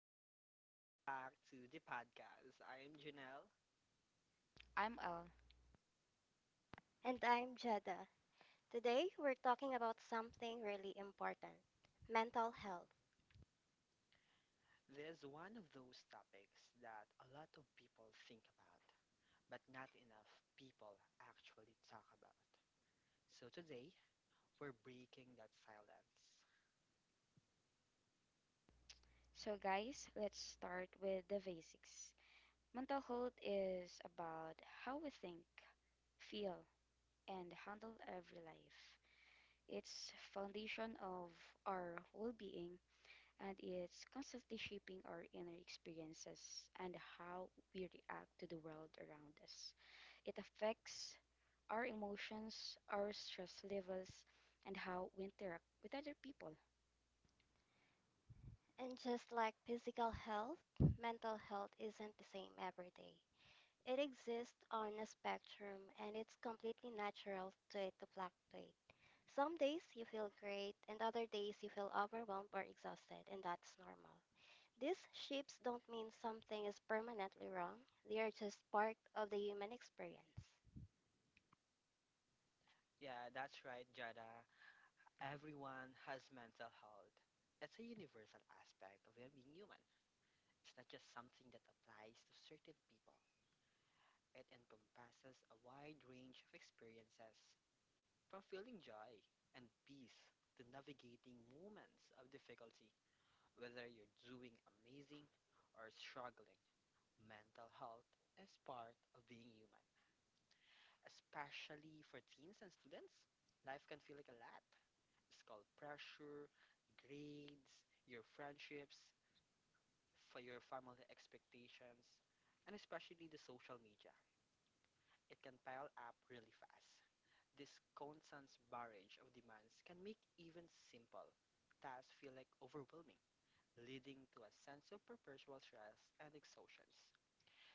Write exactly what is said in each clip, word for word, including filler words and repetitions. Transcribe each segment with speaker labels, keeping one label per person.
Speaker 1: everyone, welcome back to the podcast. I am Janelle.
Speaker 2: I'm Al.
Speaker 3: And I'm Jada. Today we're talking about something really important, mental health.
Speaker 1: There's one of those topics that a lot of people think about, but not enough people actually talk about. So today, we're breaking that silence.
Speaker 2: So, guys, let's start with the basics. Mental health is about how we think, feel, and handle every life. It's foundation of our well-being, and it's constantly shaping our inner experiences and how we react to the world around us. It affects our emotions, our stress levels, and how we interact with other people.
Speaker 3: And just like physical health, mental health isn't the same every day. It exists on a spectrum and it's completely natural to it to fluctuate. Some days you feel great and other days you feel overwhelmed or exhausted, and that's normal. These shifts don't mean something is permanently wrong, they are just part of the human experience.
Speaker 1: Yeah, that's right, Jada. Everyone has mental health. It's a universal aspect of being human. It's not just something that applies to certain people. It encompasses a wide range of experiences from feeling joy and peace to navigating moments of difficulty. Whether you're doing amazing or struggling, mental health is part of being human. Especially for teens and students, life can feel like a lot. It's called pressure, grades, your friendships, for your family expectations, and especially the social media. It can pile up really fast. This constant barrage of demands can make even simple tasks feel like overwhelming, leading to a sense of perpetual stress and exhaustions.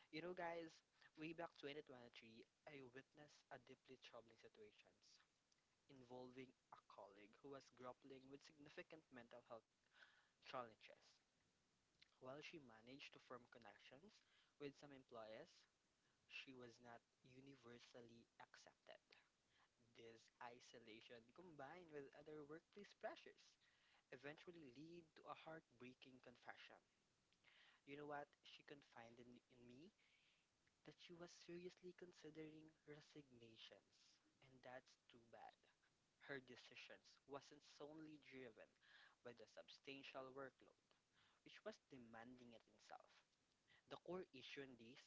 Speaker 1: You know, guys, way back twenty twenty-three, I witnessed a deeply troubling situation involving a colleague who was grappling with significant mental health challenges. While she managed to form connections with some employees, she was not universally accepted. This isolation, combined with other workplace pressures, eventually lead to a heartbreaking confession. You know what? She confided in in me that she was seriously considering resignations. And that's too bad. Her decisions wasn't solely driven by the substantial workload, which was demanding it itself. The core issue in this,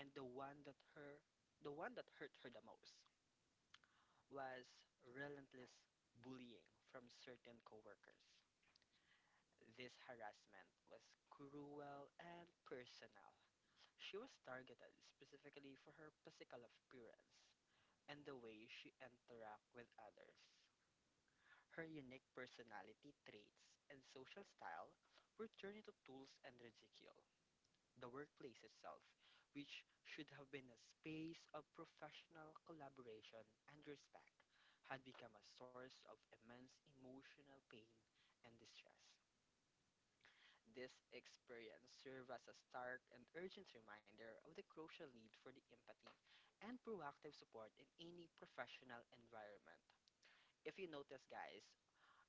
Speaker 1: and the one that her the one that hurt her the most was relentless bullying from certain coworkers. This harassment was cruel and personal. She was targeted specifically for her physical appearance and the way she interacted with others. Her unique personality traits and social style were turned into tools and ridicule the workplace itself, which should have been a space of professional collaboration and respect, had become a source of immense emotional pain and distress. This experience served as a stark and urgent reminder of the crucial need for the empathy and proactive support in any professional environment. If you notice, guys,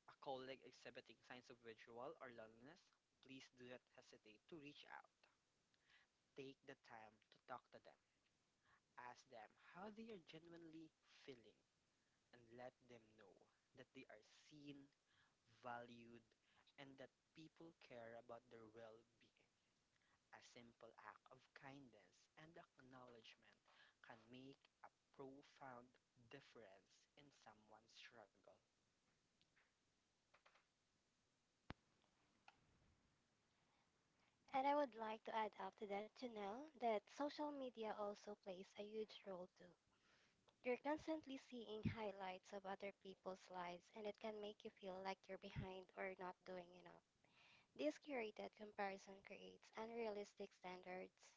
Speaker 1: a colleague exhibiting signs of withdrawal or loneliness, please do not hesitate to reach out. Take the time to talk to them. Ask them how they are genuinely feeling and let them know that they are seen, valued, and that people care about their well being. A simple act of kindness and acknowledgement can make a profound difference in someone's struggle.
Speaker 3: And I would like to add up to that, Janelle, that social media also plays a huge role too. You're constantly seeing highlights of other people's lives, and it can make you feel like you're behind or not doing enough. This curated comparison creates unrealistic standards,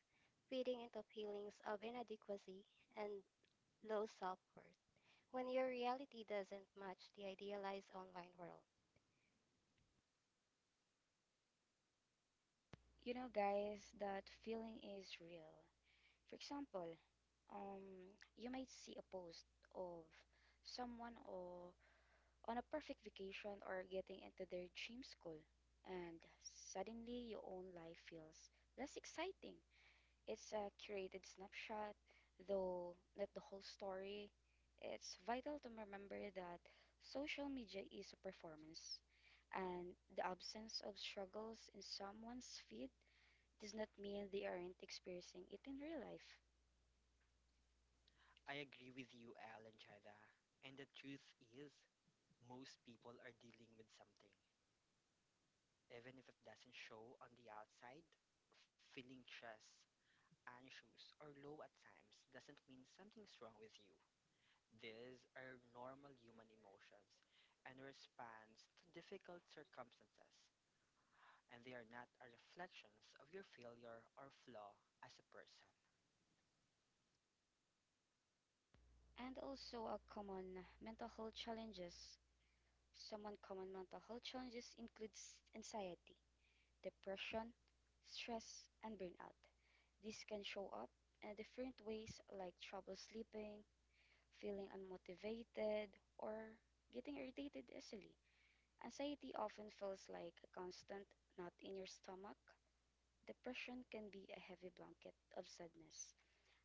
Speaker 3: feeding into feelings of inadequacy and low self worth when your reality doesn't match the idealized online world.
Speaker 2: You know, guys, that feeling is real. For example, um, you might see a post of someone or on a perfect vacation or getting into their dream school, and suddenly your own life feels less exciting. It's a curated snapshot, though not the whole story. It's vital to remember that social media is a performance, and the absence of struggles in someone's feed does not mean they aren't experiencing it in real life.
Speaker 1: I agree with you, Al and Jada. And the truth is, most people are dealing with something, even if it doesn't show on the outside. Feeling stress, anxious, or low at times doesn't mean something's wrong with you. These are normal human emotions and response to difficult circumstances, and they are not a reflections of your failure or flaw as a person.
Speaker 2: And also a common mental health challenges. Some uncommon mental health challenges includes anxiety, depression, stress, and burnout. This can show up in different ways like trouble sleeping, feeling unmotivated, or getting irritated easily. Anxiety often feels like a constant knot in your stomach. Depression can be a heavy blanket of sadness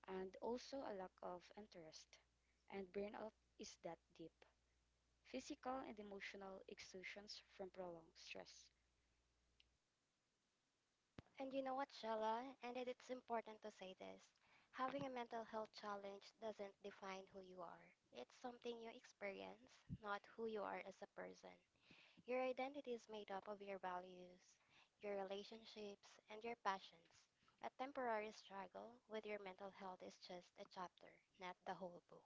Speaker 2: and also a lack of interest. And burnout is that deep physical and emotional exertions from prolonged stress.
Speaker 3: And you know what, Shella? And it- it's important to say this. Having a mental health challenge doesn't define who you are. It's something you experience, not who you are as a person. Your identity is made up of your values, your relationships, and your passions. A temporary struggle with your mental health is just a chapter, not the whole book.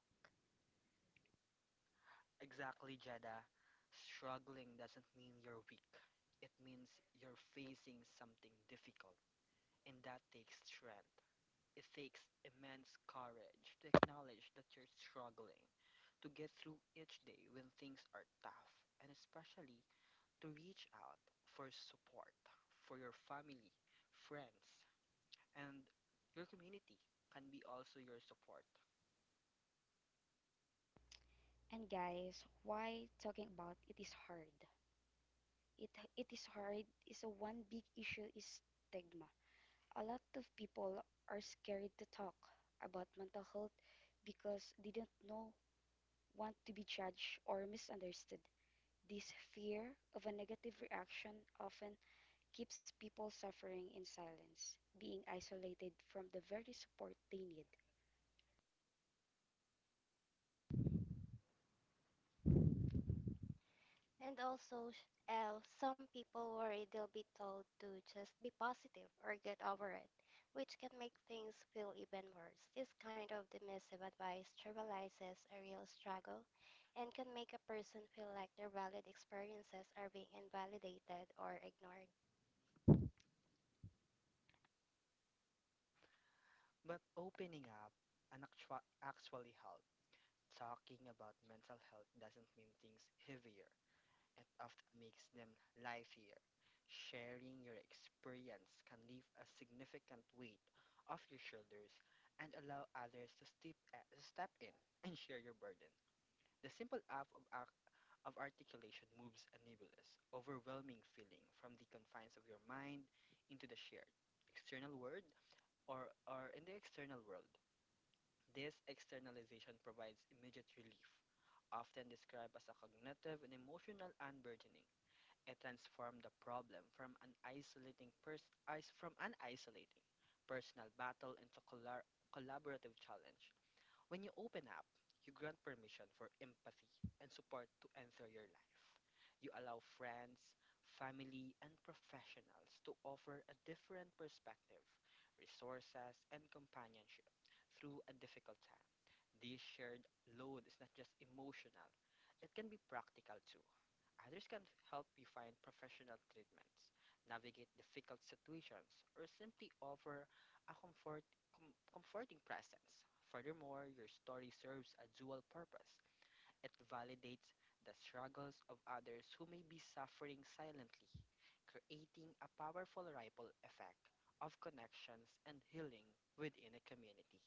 Speaker 1: Exactly, Jada. Struggling doesn't mean you're weak. It means you're facing something difficult, and that takes strength. It takes immense courage to acknowledge that you're struggling, to get through each day when things are tough, and especially to reach out for support for your family, friends, and your community can be also your support.
Speaker 2: And guys, why talking about it is hard? It it is hard is a one big issue is stigma. A lot of people are scared to talk about mental health because they don't know want to be judged or misunderstood. This fear of a negative reaction often keeps people suffering in silence, being isolated from the very support they need.
Speaker 3: And also, sh- uh, some people worry they'll be told to just be positive or get over it, which can make things feel even worse. This kind of dismissive advice trivializes a real struggle and can make a person feel like their valid experiences are being invalidated or ignored.
Speaker 1: But opening up and actua- actually help. Talking about mental health doesn't mean things heavier. It often makes them livelier. Sharing your experience can leave a significant weight off your shoulders and allow others to step, uh, step in and share your burden. The simple act of, act of articulation moves a nebulous, overwhelming feeling from the confines of your mind into the shared external world or, or in the external world. This externalization provides immediate relief, often described as a cognitive and emotional unburdening. It transformed the problem from an isolating pers- is- from an isolating personal battle into collar collaborative challenge. When you open up, you grant permission for empathy and support to enter your life. You allow friends, family, and professionals to offer a different perspective, resources, and companionship through a difficult time. This shared load is not just emotional, it can be practical too. Others can help you find professional treatments, navigate difficult situations, or simply offer a comfort, com- comforting presence. Furthermore, your story serves a dual purpose. It validates the struggles of others who may be suffering silently, creating a powerful ripple effect of connections and healing within a community.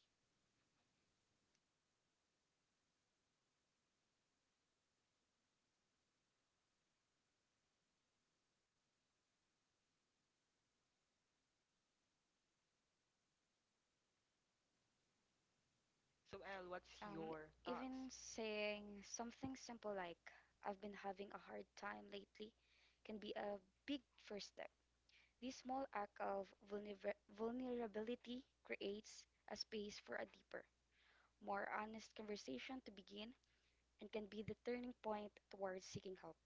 Speaker 1: So, Elle, what's
Speaker 2: Um,
Speaker 1: your
Speaker 2: Even
Speaker 1: thoughts?
Speaker 2: saying something simple like, "I've been having a hard time lately," can be a big first step. This small act of vulner- vulnerability creates a space for a deeper, more honest conversation to begin and can be the turning point towards seeking help.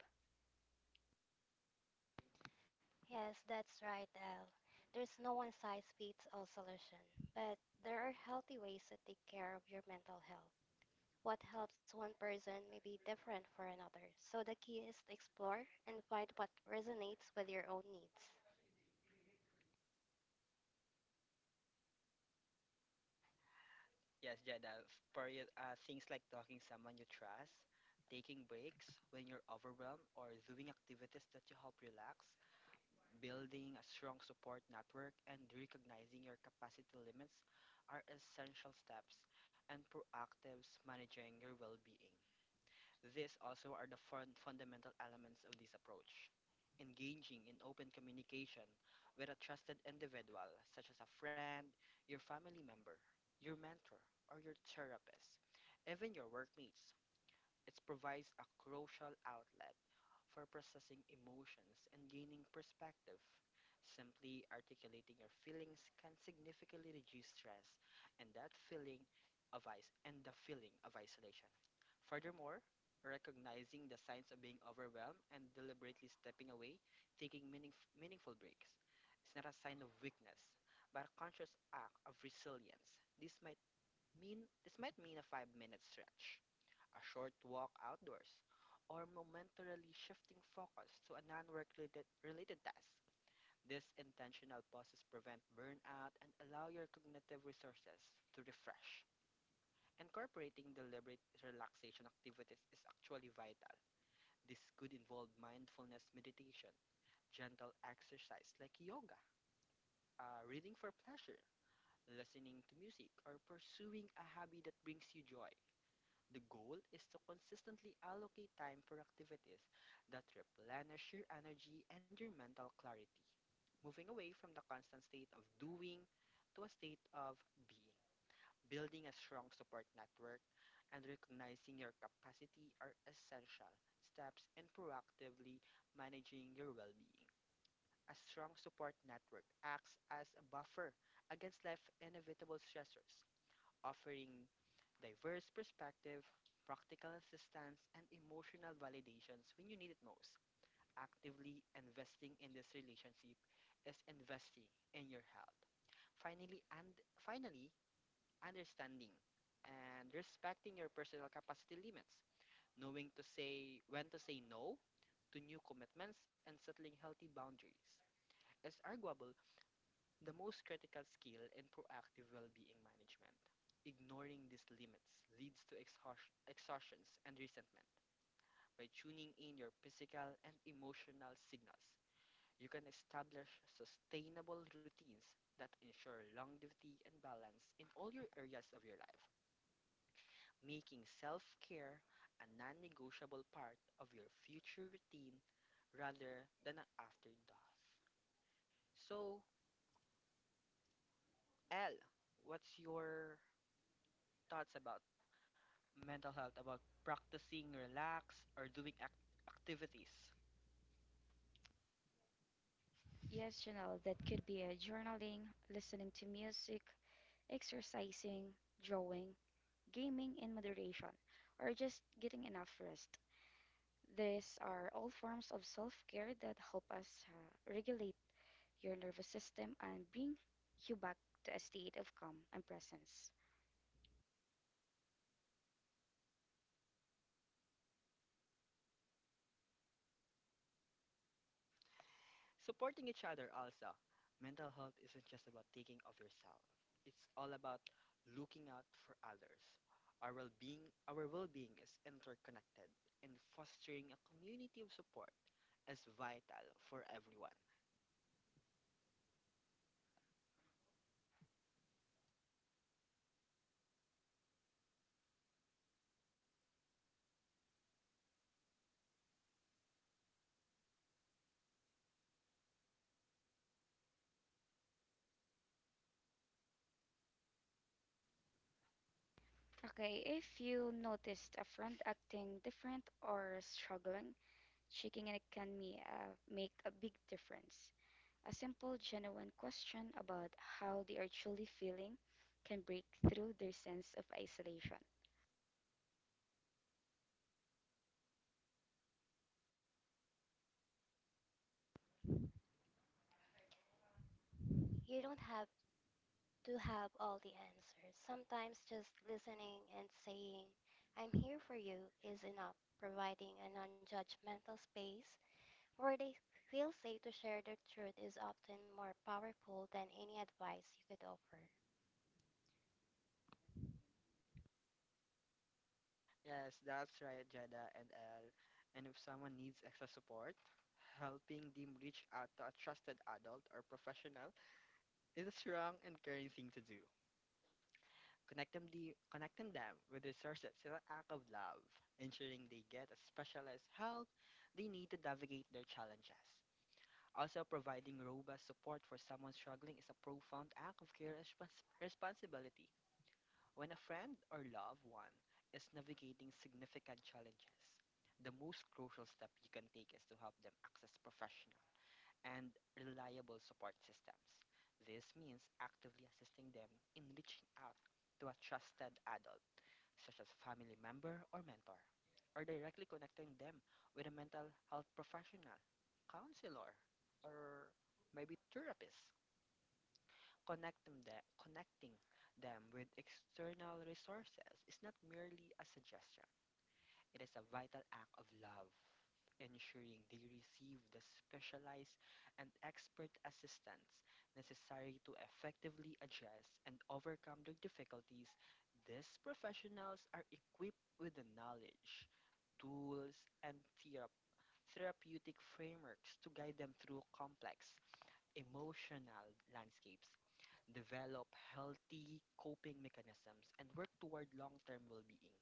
Speaker 3: Yes, that's right, Elle. There's no one size fits all solution, but there are healthy ways to take care of your mental health. What helps one person may be different for another, so the key is to explore and find what resonates with your own needs.
Speaker 1: Yes, Jada. f- For you, uh, things like talking someone you trust, taking breaks when you're overwhelmed, or doing activities that you help relax, building a strong support network, and recognizing your capacity limits are essential steps and proactive managing your well-being. These also are the fun- fundamental elements of this approach. Engaging in open communication with a trusted individual, such as a friend, your family member, your mentor, or your therapist, even your workmates, it provides a crucial outlet for processing emotions and gaining perspective. Simply articulating your feelings can significantly reduce stress and that feeling of is- and the feeling of isolation. Furthermore, recognizing the signs of being overwhelmed and deliberately stepping away, taking meaningf- meaningful breaks, is not a sign of weakness, but a conscious act of resilience. This might mean this might mean a five-minute stretch, a short walk outdoors, or momentarily shifting focus to a non-work related, related task. These intentional pauses prevent burnout and allow your cognitive resources to refresh. Incorporating deliberate relaxation activities is actually vital. This could involve mindfulness meditation, gentle exercise like yoga, uh, reading for pleasure, listening to music, or pursuing a hobby that brings you joy. The goal is to consistently allocate time for activities that replenish your energy and your mental clarity, moving away from the constant state of doing to a state of being. Building a strong support network and recognizing your capacity are essential steps in proactively managing your well being. A strong support network acts as a buffer against life's inevitable stressors, offering diverse perspective, practical assistance, and emotional validations when you need it most. Actively investing in this relationship is investing in your health. Finally, and finally, understanding and respecting your personal capacity limits, knowing to say when to say no to new commitments and settling healthy boundaries is arguable the most critical skill in proactive well being management. Ignoring these limits leads to exhaust- exhaustions and resentment. By tuning in your physical and emotional signals, you can establish sustainable routines that ensure longevity and balance in all your areas of your life, making self care a non negotiable part of your future routine rather than an afterthought. So, L, what's your thoughts about mental health about practicing relax or doing ac- activities
Speaker 2: Yes, Janelle, that could be a journaling, listening to music, exercising, drawing, gaming in moderation, or just getting enough rest. These are all forms of self care that help us uh, regulate your nervous system and bring you back to a state of calm and presence.
Speaker 1: supporting each other also mental health isn't just about thinking of yourself, it's all about looking out for others. Our well-being our well-being is interconnected and fostering a community of support is vital for everyone.
Speaker 2: Okay, if you noticed a friend acting different or struggling, checking in can me, uh, make a big difference. A simple, genuine question about how they are truly feeling can break through their sense of isolation.
Speaker 3: You don't have to have all the answers. Sometimes just listening and saying, I'm here for you, is enough, providing a non judgmental space where they feel safe to share their truth is often more powerful than any advice you could offer.
Speaker 1: Yes, that's right, Jada and El, and if someone needs extra support, helping them reach out to a trusted adult or professional. It is a strong and caring thing to do. Connect them, the, connecting them with resources is an act of love, ensuring they get a specialized help they need to navigate their challenges. Also, providing robust support for someone struggling is a profound act of care and respons- responsibility. When a friend or loved one is navigating significant challenges, the most crucial step you can take is to help them access professional and reliable support systems. This means actively assisting them in reaching out to a trusted adult, such as family member or mentor, or directly connecting them with a mental health professional, counselor, or maybe therapist. Connecting them, connecting them with external resources is not merely a suggestion. It is a vital act of love, ensuring they receive the specialized and expert assistance necessary to effectively address and overcome their difficulties. These professionals are equipped with the knowledge, tools, and thera- therapeutic frameworks to guide them through complex emotional landscapes, develop healthy coping mechanisms, and work toward long term well being.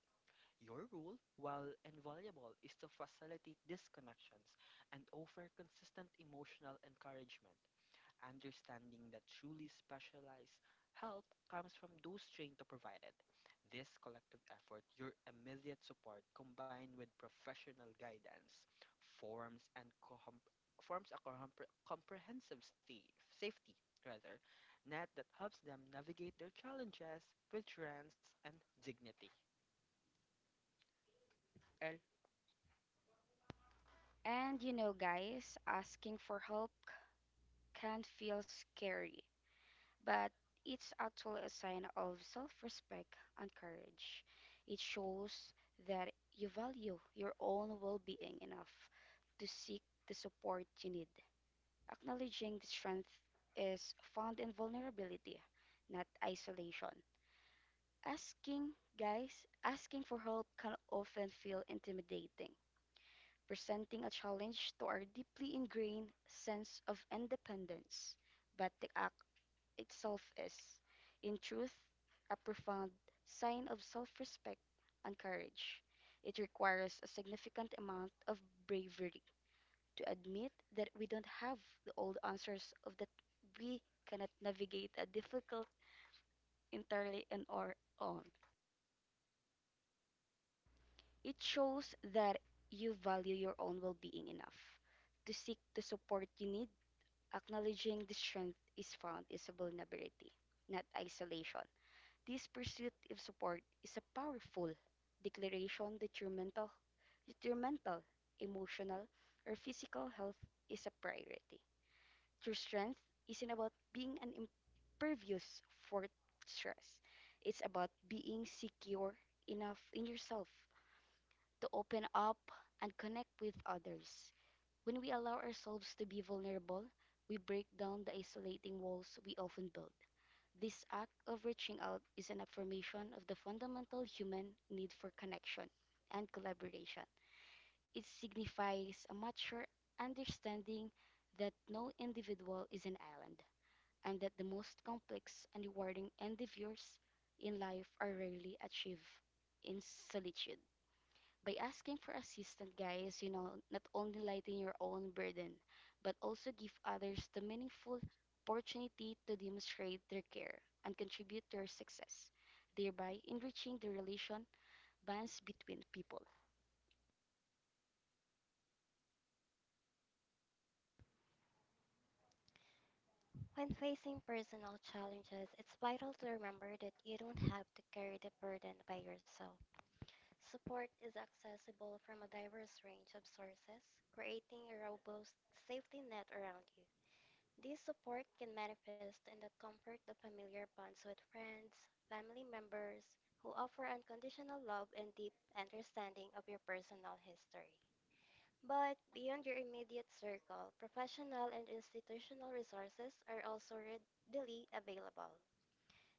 Speaker 1: Your rule, while invaluable, is to facilitate these connections and offer consistent emotional encouragement, understanding that truly specialized help comes from those trained to provide it. This collective effort, your immediate support combined with professional guidance, forms and com- forms a compre- comprehensive sta- safety rather net that helps them navigate their challenges with strength and dignity. El.
Speaker 2: And you know, guys, asking for help can feel scary, but it's actually a sign of self respect and courage. It shows that you value your own well being enough to seek the support you need. Acknowledging the strength is found in vulnerability, not isolation. Asking, guys, asking for help can often feel intimidating, presenting a challenge to our deeply ingrained sense of independence. But the act itself is, in truth, a profound sign of self respect and courage. It requires a significant amount of bravery to admit that we don't have the old answers of that we cannot navigate a difficult entirely on our own. It shows that you value your own well being enough to seek the support you need. Acknowledging the strength is found is a vulnerability, not isolation. This pursuit of support is a powerful declaration that your mental, that your mental, emotional, or physical health is a priority. True strength isn't about being an impervious for stress. It's about being secure enough in yourself to open up and connect with others. When we allow ourselves to be vulnerable, we break down the isolating walls we often build. This act of reaching out is an affirmation of the fundamental human need for connection and collaboration. It signifies a mature understanding that no individual is an island and that the most complex and rewarding endeavors in life are rarely achieved in solitude by asking for assistance, guys, you know, not only lighten your own burden, but also give others the meaningful opportunity to demonstrate their care and contribute to your success, thereby enriching the relation bonds between people.
Speaker 3: When facing personal challenges, it's vital to remember that you don't have to carry the burden by yourself. Support is accessible from a diverse range of sources, creating a robust safety net around you. This support can manifest in the comfort of familiar bonds with friends, family members, who offer unconditional love and deep understanding of your personal history. But beyond your immediate circle, professional and institutional resources are also readily available.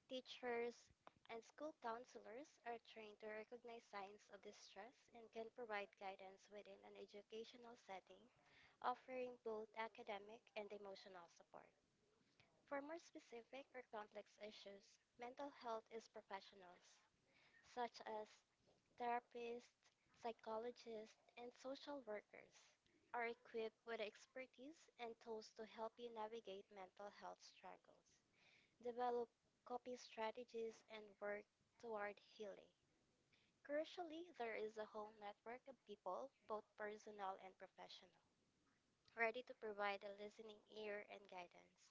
Speaker 3: Teachers and school counselors are trained to recognize signs of distress and can provide guidance within an educational setting, offering both academic and emotional support. For more specific or complex issues, mental health is professionals, such as therapists, psychologists, and social workers, are equipped with expertise and tools to help you navigate mental health struggles develop coping strategies, and work toward healing. Crucially, there is a whole network of people, both personal and professional, ready to provide a listening ear and guidance.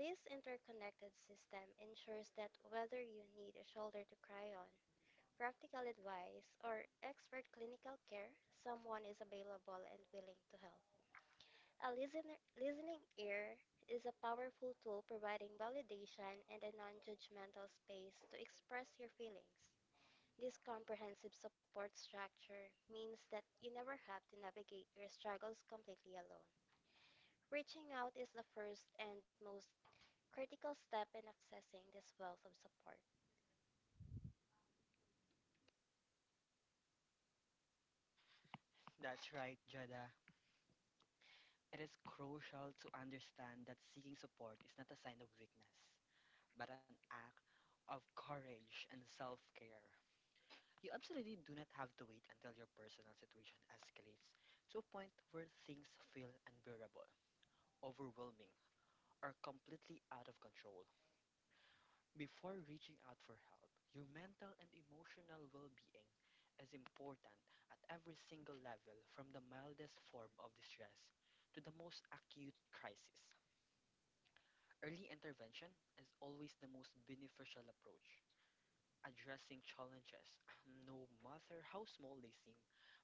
Speaker 3: This interconnected system ensures that whether you need a shoulder to cry on, practical advice, or expert clinical care, someone is available and willing to help. A listener, listening ear is a powerful tool providing validation and a non judgmental space to express your feelings. This comprehensive support structure means that you never have to navigate your struggles completely alone. Reaching out is the first and most critical step in accessing this wealth of support.
Speaker 1: That's right, Jada. It is crucial to understand that seeking support is not a sign of weakness, but an act of courage and self care. You absolutely do not have to wait until your personal situation escalates to a point where things feel unbearable, overwhelming, or completely out of control. Before reaching out for help, your mental and emotional well being is important at every single level, from the mildest form of distress to the most acute crisis. Early intervention is always the most beneficial approach. Addressing challenges, no matter how small they seem,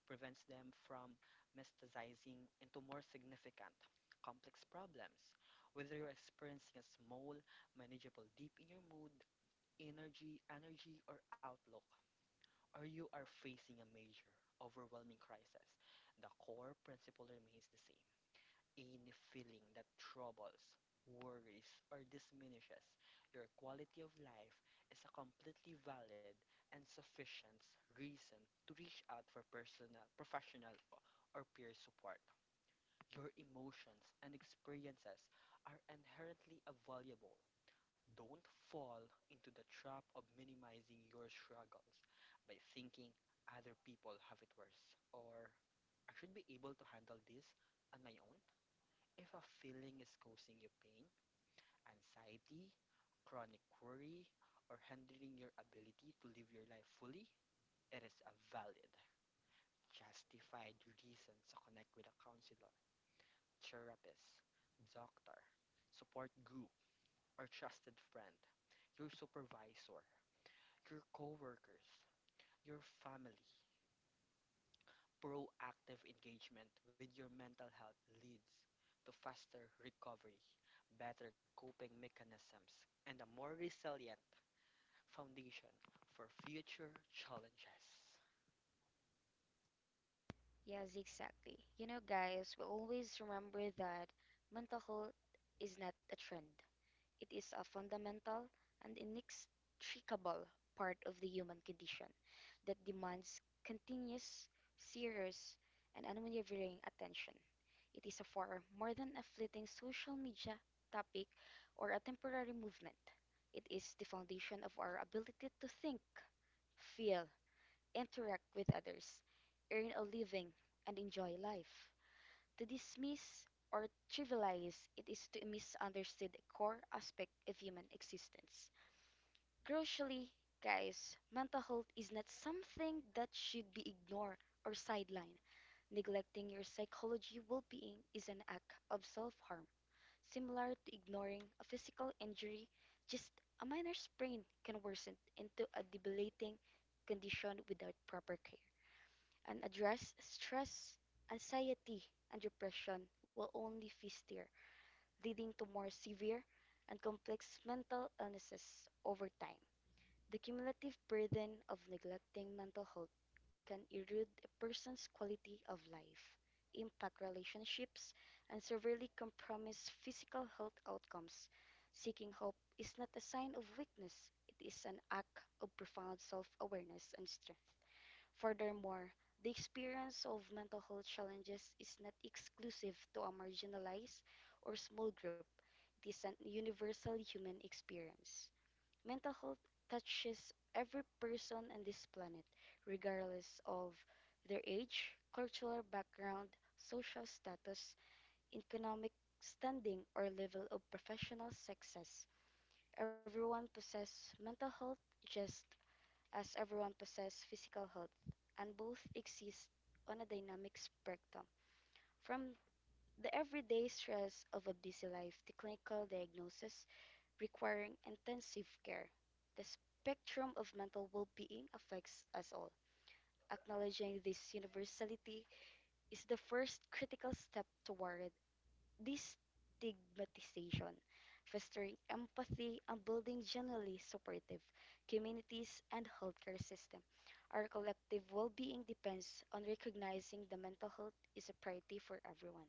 Speaker 1: prevents them from metastasizing into more significant, complex problems. Whether you're experiencing a small, manageable dip in your mood, energy, energy, or outlook, or you are facing a major, overwhelming crisis, the core principle remains the same. Any feeling that troubles, worries, or diminishes your quality of life is a completely valid and sufficient reason to reach out for personal, professional, or peer support. Your emotions and experiences are inherently valuable. Don't fall into the trap of minimizing your struggles by thinking other people have it worse or I should be able to handle this on my own. If a feeling is causing you pain, anxiety, chronic worry, or hindering your ability to live your life fully, it is a valid, justified reason to connect with a counselor, therapist, doctor, support group, or trusted friend, your supervisor, your coworkers, your family. Proactive engagement with your mental health leads to faster recovery, better coping mechanisms, and a more resilient foundation for future challenges.
Speaker 2: Yes, exactly. You know, guys, we always remember that mental health is not a trend. It is a fundamental and inextricable part of the human condition that demands continuous, serious, and unwavering attention. It is a far more than a fleeting social media topic or a temporary movement. It is the foundation of our ability to think, feel, interact with others, earn a living, and enjoy life. To dismiss or trivialize it is to misunderstand a core aspect of human existence. Crucially, guys, mental health is not something that should be ignored or sidelined. Neglecting your psychology well being is an act of self harm, similar to ignoring a physical injury. Just a minor sprain can worsen into a debilitating condition without proper care, and address stress, anxiety, and depression will only fester, leading to more severe and complex mental illnesses over time. The cumulative burden of neglecting mental health can erode a person's quality of life, impact relationships, and severely compromise physical health outcomes. Seeking help is not a sign of weakness, it is an act of profound self awareness and strength. Furthermore, the experience of mental health challenges is not exclusive to a marginalized or small group, it is an universal human experience. Mental health touches every person on this planet, regardless of their age, cultural background, social status, economic standing, or level of professional success. Everyone possesses mental health, just as everyone possesses physical health, and both exist on a dynamic spectrum. From the everyday stress of a busy life to clinical diagnosis requiring intensive care, the spectrum of mental well being affects us all. Acknowledging this universality is the first critical step toward this stigmatization, fostering empathy and building generally supportive communities and healthcare system. Our collective well-being depends on recognizing the mental health is a priority for everyone.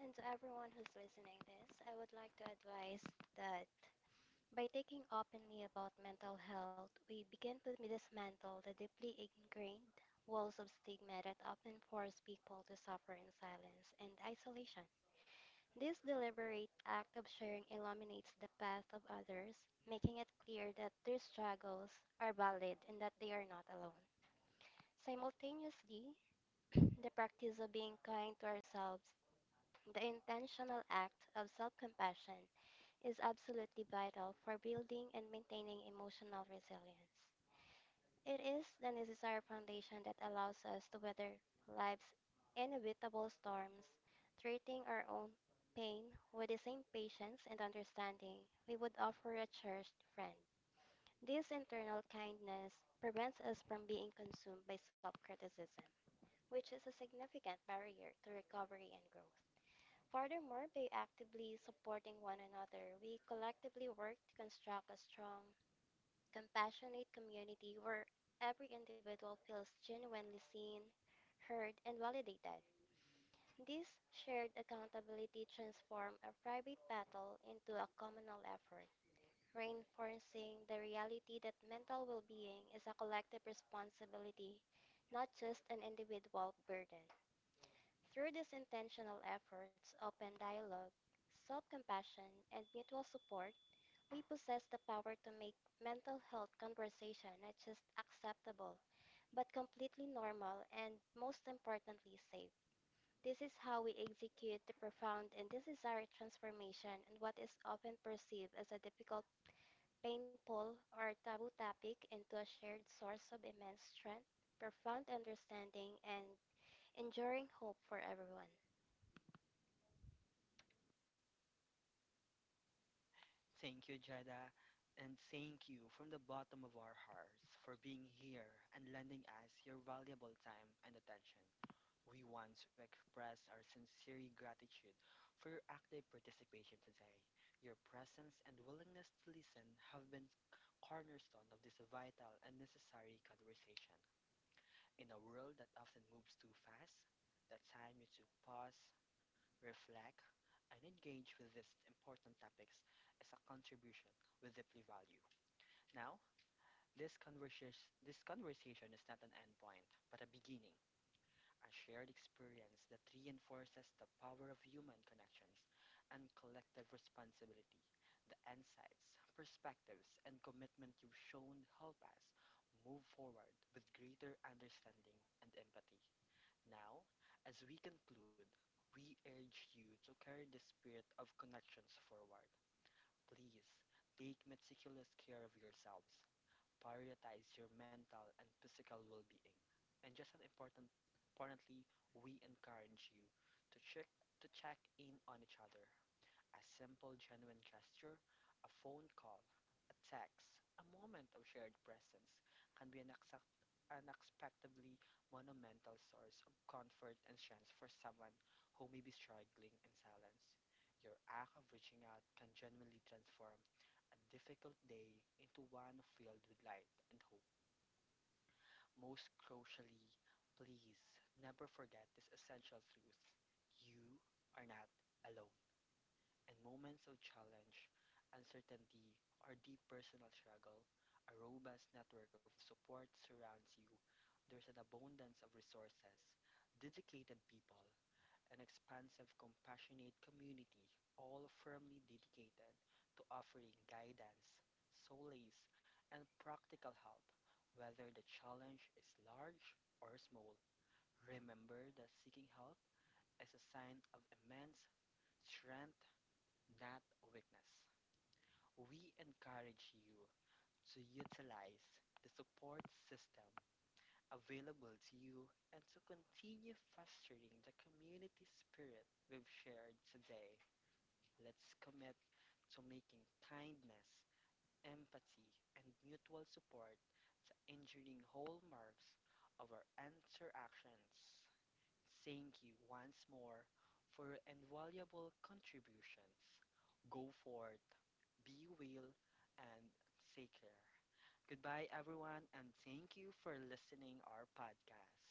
Speaker 3: And to everyone who's listening this, I would like to advise that by taking openly about mental health, we begin to dismantle the deeply ingrained walls of stigma that often force people to suffer in silence and isolation. This deliberate act of sharing illuminates the path of others, making it clear that their struggles are valid and that they are not alone. Simultaneously, the practice of being kind to ourselves, the intentional act of self compassion, is absolutely vital for building and maintaining emotional resilience. It is the necessary foundation that allows us to weather life's inevitable storms, treating our own pain with the same patience and understanding we would offer a cherished friend. This internal kindness prevents us from being consumed by self criticism, which is a significant barrier to recovery and growth. Furthermore, by actively supporting one another, we collectively work to construct a strong, compassionate community where every individual feels genuinely seen, heard, and validated. This shared accountability transforms a private battle into a communal effort, reinforcing the reality that mental well being is a collective responsibility, not just an individual burden. Through these intentional efforts, open dialogue, self compassion, and mutual support, we possess the power to make mental health conversation not just acceptable, but completely normal and, most importantly, safe. This is how we execute the profound and desired transformation in what is often perceived as a difficult, painful, or taboo topic into a shared source of immense strength, profound understanding, and enduring hope for everyone.
Speaker 1: Thank you, Jada, and thank you from the bottom of our hearts for being here and lending us your valuable time and attention. We want to express our sincere gratitude for your active participation today. Your presence and willingness to listen have been cornerstone of this vital and necessary conversation. In a world that often moves too fast, the time you took pause, reflect, and engage with these important topics is a contribution we deeply value. Now, this conversation this conversation is not an endpoint, but a beginning, a shared experience that reinforces the power of human connections and collective responsibility. The insights, perspectives, and commitment you've shown help us move forward with greater understanding and empathy. Now, as we conclude, we urge you to carry the spirit of connections forward. Please take meticulous care of yourselves. Prioritize your mental and physical well being. And just as important, importantly, we encourage you to check to check in on each other. A simple, genuine gesture, a phone call, a text, a moment of shared presence can be an exact, unexpectedly monumental source of comfort and strength for someone who may be struggling in silence. Your act of reaching out can genuinely transform a difficult day into one filled with light and hope. Most crucially, please never forget this essential truth: you are not alone, and moments of challenge, uncertainty, or deep personal struggle, a robust network of support surrounds you. There's an abundance of resources, dedicated people, an expansive, compassionate community, all firmly dedicated to offering guidance, solace, and practical help, whether the challenge is large or small. Remember that seeking help is a sign of immense strength, not weakness. We encourage you to utilize the support system available to you and to continue fostering the community spirit we've shared today. Let's commit to making kindness, empathy, and mutual support the enduring hallmarks of our interactions. Thank you once more for your invaluable contributions. Go forth, be well, and take care. Goodbye, everyone, and thank you for listening our podcast.